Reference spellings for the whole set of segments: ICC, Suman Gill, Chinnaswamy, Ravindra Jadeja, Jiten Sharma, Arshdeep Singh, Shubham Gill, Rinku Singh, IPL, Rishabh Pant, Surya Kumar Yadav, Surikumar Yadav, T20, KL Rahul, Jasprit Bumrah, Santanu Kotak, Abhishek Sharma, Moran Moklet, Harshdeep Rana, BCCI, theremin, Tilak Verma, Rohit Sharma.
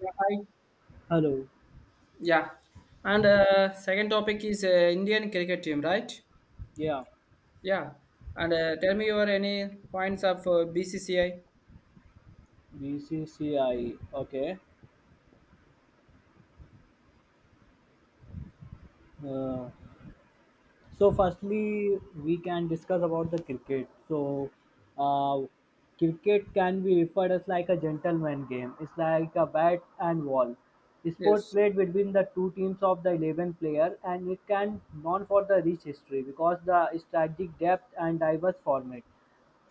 Yeah, hi. Hello. Yeah. And second topic is Indian cricket team, right? Yeah. Yeah. And tell me your any points of BCCI? BCCI. Okay. Uh, So, firstly, we can discuss about the cricket. So, uh, cricket can be referred as like a gentleman game. It's like a bat and ball. The sport Yes. played between the two teams of the 11 player and it can known for the rich history because the strategic depth and diverse format.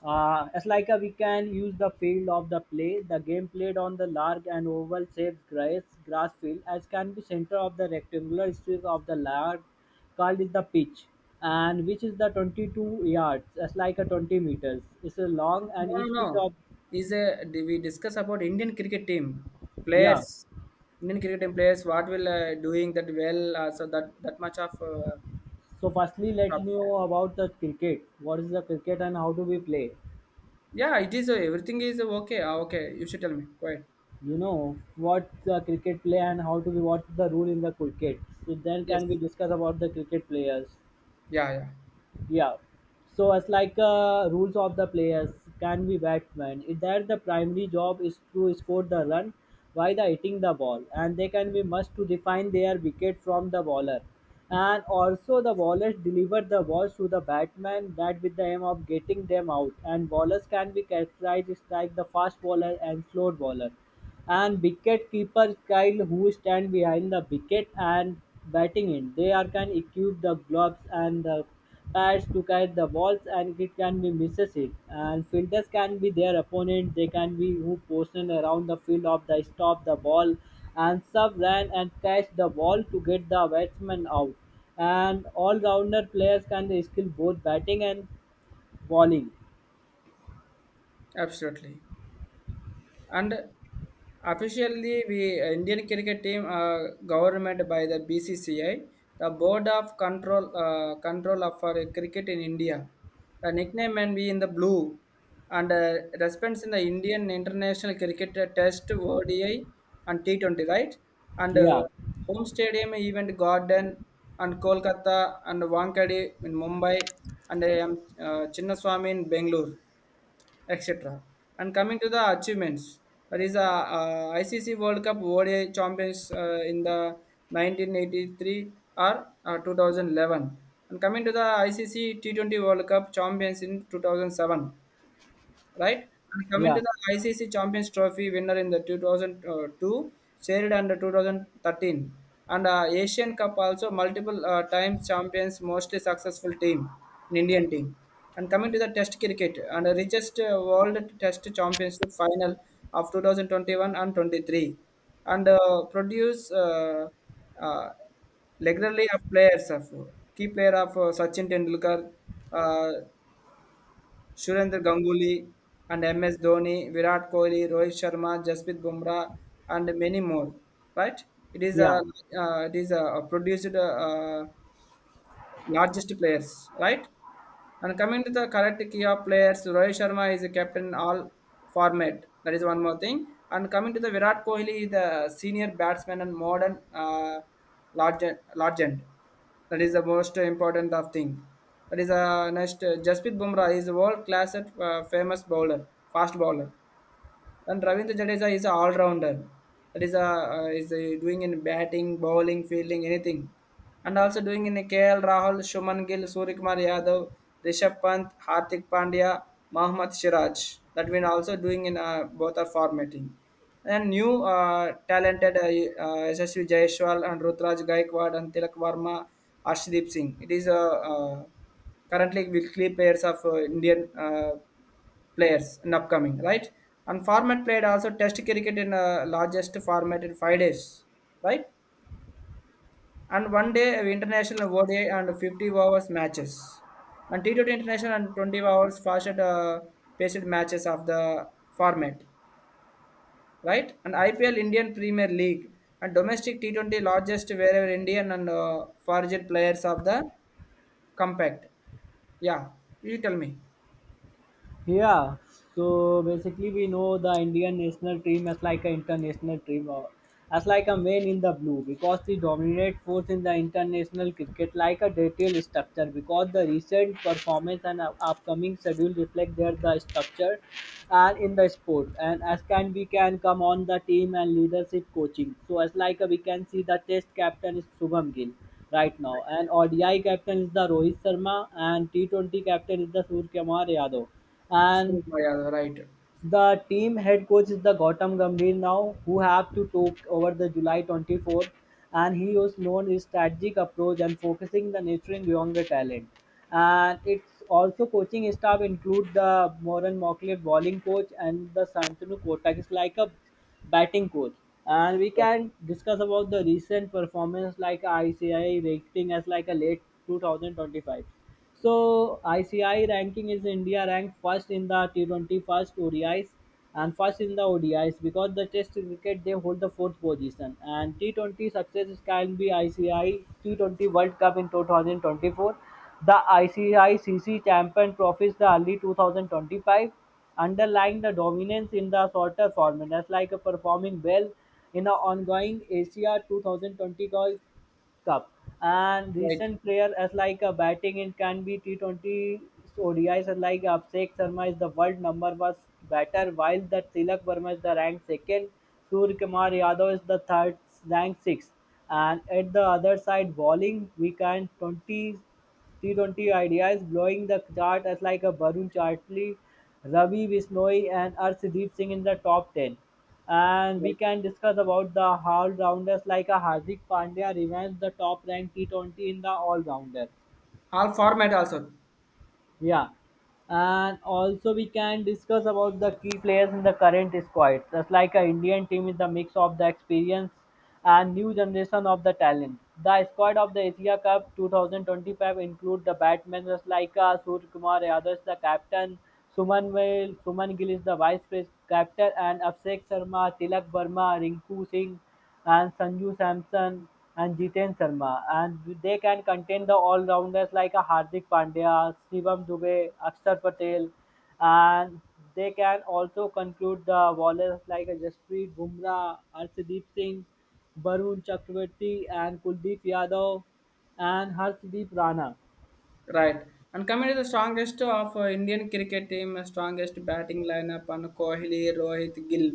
As like a, we can use the field of the play, the game played on the large and oval shaped grass field as can be center of the rectangular strip of the large called is the pitch, and which is the 22 yards. That's like a 20 meters. It's a long No, and no, each pitch no. of Is Do we discuss about Indian cricket team yeah. players? Indian cricket team players. What will doing that well? So that much of So firstly, let me topic. know about the cricket. What is the cricket and how do we play? Yeah, it is. Everything is okay. Ah, okay. You should tell me. Go ahead. You know what the cricket play and how to be what the rule in the cricket. So then Yes. can we discuss about the cricket players? Yeah. Yeah. Yeah. So as like rules of the players can be batsman. If their the primary job is to score the run by the hitting the ball, and they can be must to define their wicket from the bowler, and also the bowlers deliver the balls to the batsman that with the aim of getting them out. And bowlers can be characterized as like the fast bowler and slow bowler and wicket keepers Kyle who stand behind the wicket and batting in. They are can equip the gloves and the pads to catch the balls and it can be misses it. And fielders can be their opponent. They can be who position around the field of the stop the ball and sub ran and catch the ball to get the batsman out. And all rounder players can skill both batting and bowling. Absolutely. And officially, we Indian cricket team are government by the BCCI, the Board of Control Control of for Cricket in India. The nickname and be in the blue, and response in the Indian International Cricket Test ODI and T20, right? And Yeah, home stadium event Garden and Kolkata and Wankhede in Mumbai and Chinnaswamy in Bangalore etc. And coming to the achievements, that is a ICC World Cup ODI champions in the 1983 or 2011. And coming to the ICC T20 World Cup champions in 2007, right? And coming yeah, to the ICC Champions Trophy winner in the 2002, shared under 2013, and Asian Cup also multiple times champions, mostly successful team in Indian team. And coming to the Test cricket and the richest World Test Championship final of 2021 and 23, and produce uh, regularly of players of key player of Sachin Tendulkar. Uh, Surendra Ganguly and MS Dhoni, Virat Kohli, Rohit Sharma, Jasprit Bumrah, and many more. Right? It is a yeah. it is a produced largest players, right? And coming to the correct key of players, Rohit Sharma is a captain all format. That is one more thing. And coming to the Virat Kohli, the senior batsman and modern legend. That is the most important of thing. That is next. Jasprit Bumrah is world class at famous bowler, fast bowler. And Ravindra Jadeja is an all-rounder. That is a doing in batting, bowling, fielding, anything, and also doing in KL Rahul, Shuman Gill, Surikumar Yadav, Rishabh Pant, Hardik Pandya, Mohammad Siraj. That we are also doing in both are formatting. And new talented SSV Jaiswal and Rutraj Gaikwad and Tilak Varma, Arshdeep Singh. It is currently will three players of Indian players in upcoming, right? And format played also Test cricket in largest format in 5 days, right? And one day international ODI and 50 overs matches, and T20 international and 20 overs fastest paced matches of the format, right? And IPL Indian Premier League and domestic T20 largest wherever Indian and foreign players of the compact. Yeah, you tell me. Yeah, so basically we know the Indian national team as like an international team, or as like a man in the blue, because the dominate force in the international cricket like a detailed structure. Because the recent performance and upcoming schedule reflect their the structure and in the sport, and as can we can come on the team and leadership coaching. So as like a, we can see the Test captain is Shubham Gill right now, and ODI captain is the Rohit Sharma, and T20 captain is the Surya Kumar Yadav, Surya and Yadav, right. the team head coach is the Gautam Gambhir now, who have to took over the July 24th, and he was known his strategic approach and focusing the nurturing younger talent. And it's also coaching staff include the Moran Moklet bowling coach and the Santanu Kotak is like a batting coach. And we Yeah, can discuss about the recent performance like ICI rating as like a late 2025. So ICI ranking is India ranked first in the t 20, first ODIs, and first in the ODIs because the Test cricket they hold the fourth position. And T20 success can be ICI T20 World Cup in 2024, the ICI CC Champion Trophies the early 2025, underlying the dominance in the shorter format. That's like a performing well in the ongoing Asia 2020 golf Cup and right, recent player as like a batting in can be T20 ODIs as like Abhishek Sharma is the world number was batter while the Tilak Verma is the ranked second, Surya Kumar Yadav is the third ranked sixth. And at the other side bowling we can 20 T20 ideas blowing the chart as like a Barun Chartley, Ravi Bishnoi and Arshdeep Singh in the top 10, and we right. can discuss about the all rounders like a Hardik Pandya remains the top ranked T20 in the all rounder. All format also. Yeah, and also we can discuss about the key players in the current squad. Just like a Indian team is the mix of the experience and new generation of the talent. The squad of the Asia Cup 2025 include the batsmen just like Surya Kumar Yadav is the captain, Suman Vail, Suman Gill is the vice captain, and Abhishek Sharma, Tilak Verma, Rinku Singh and Sanju Samson and Jiten Sharma, and they can contain the all-rounders like a Hardik Pandya, Shivam Dubey, Akshar Patel, and they can also conclude the bowlers like a Jasprit Bumrah, Arshdeep Singh, Varun Chakravarti, and Kuldeep Yadav, and Harshdeep Rana. Right. And coming to the strongest of Indian cricket team, strongest batting lineup and Kohli, Rohit, Gill,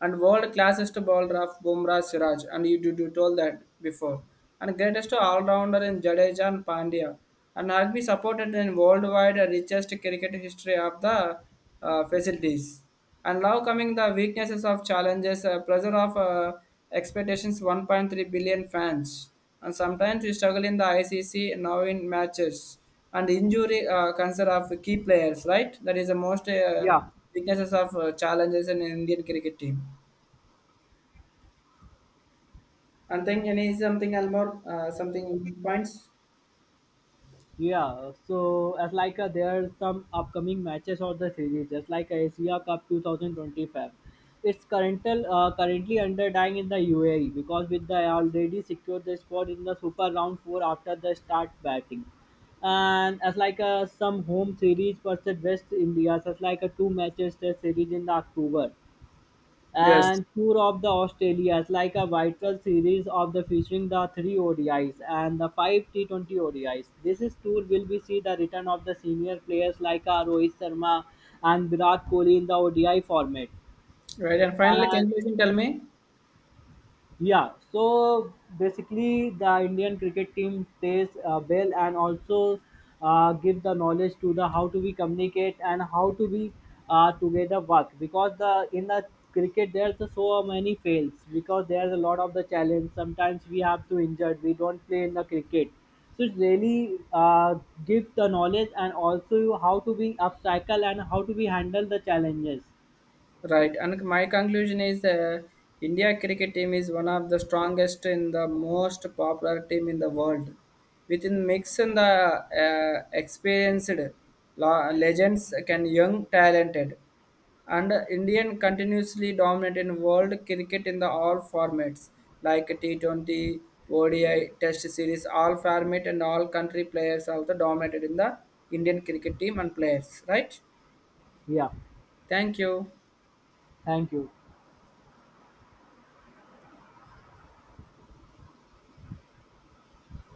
and world classest bowler of Bumrah, Siraj, and you told that before. And greatest all-rounder in Jadeja and Pandya, and has been supported in worldwide richest cricket history of the facilities. And now coming the weaknesses of challenges, pressure of expectations, 1.3 billion fans and sometimes we struggle in the ICC now in matches and injury concern of key players, right? That is the most Yeah. weaknesses of challenges in Indian cricket team and think any something else more something points. Yeah, so as like there are some upcoming matches of the series, just like Asia Cup 2025. It's currently underdying in the UAE because with the already secured the spot in the Super Round Four after the start batting, and as like some home series versus West India, such like two matches the series in the October Yes. and Tour of the Australias, like a vital series of the featuring the three ODIs and the five T20 ODIs. This is tour will we see the return of the senior players like Rohit Sharma and Virat Kohli in the ODI format. Right. And finally, And conclusion, tell me. yeah, so basically, the Indian cricket team plays well and also give the knowledge to the how to we communicate and how to we together work because the in the cricket there's a so many fails because there's a lot of the challenge. Sometimes we have to injured. We don't play in the cricket, so it's really give the knowledge and also how to be upcycle and how to be handle the challenges. Right, and my conclusion is India cricket team is one of the strongest and the most popular team in the world. Within mixing the experienced legends can young talented, and Indian continuously dominate in world cricket in the all formats like T20, ODI, Test series, all format and all country players also dominated in the Indian cricket team and players. Right? Yeah, Thank you. thank you.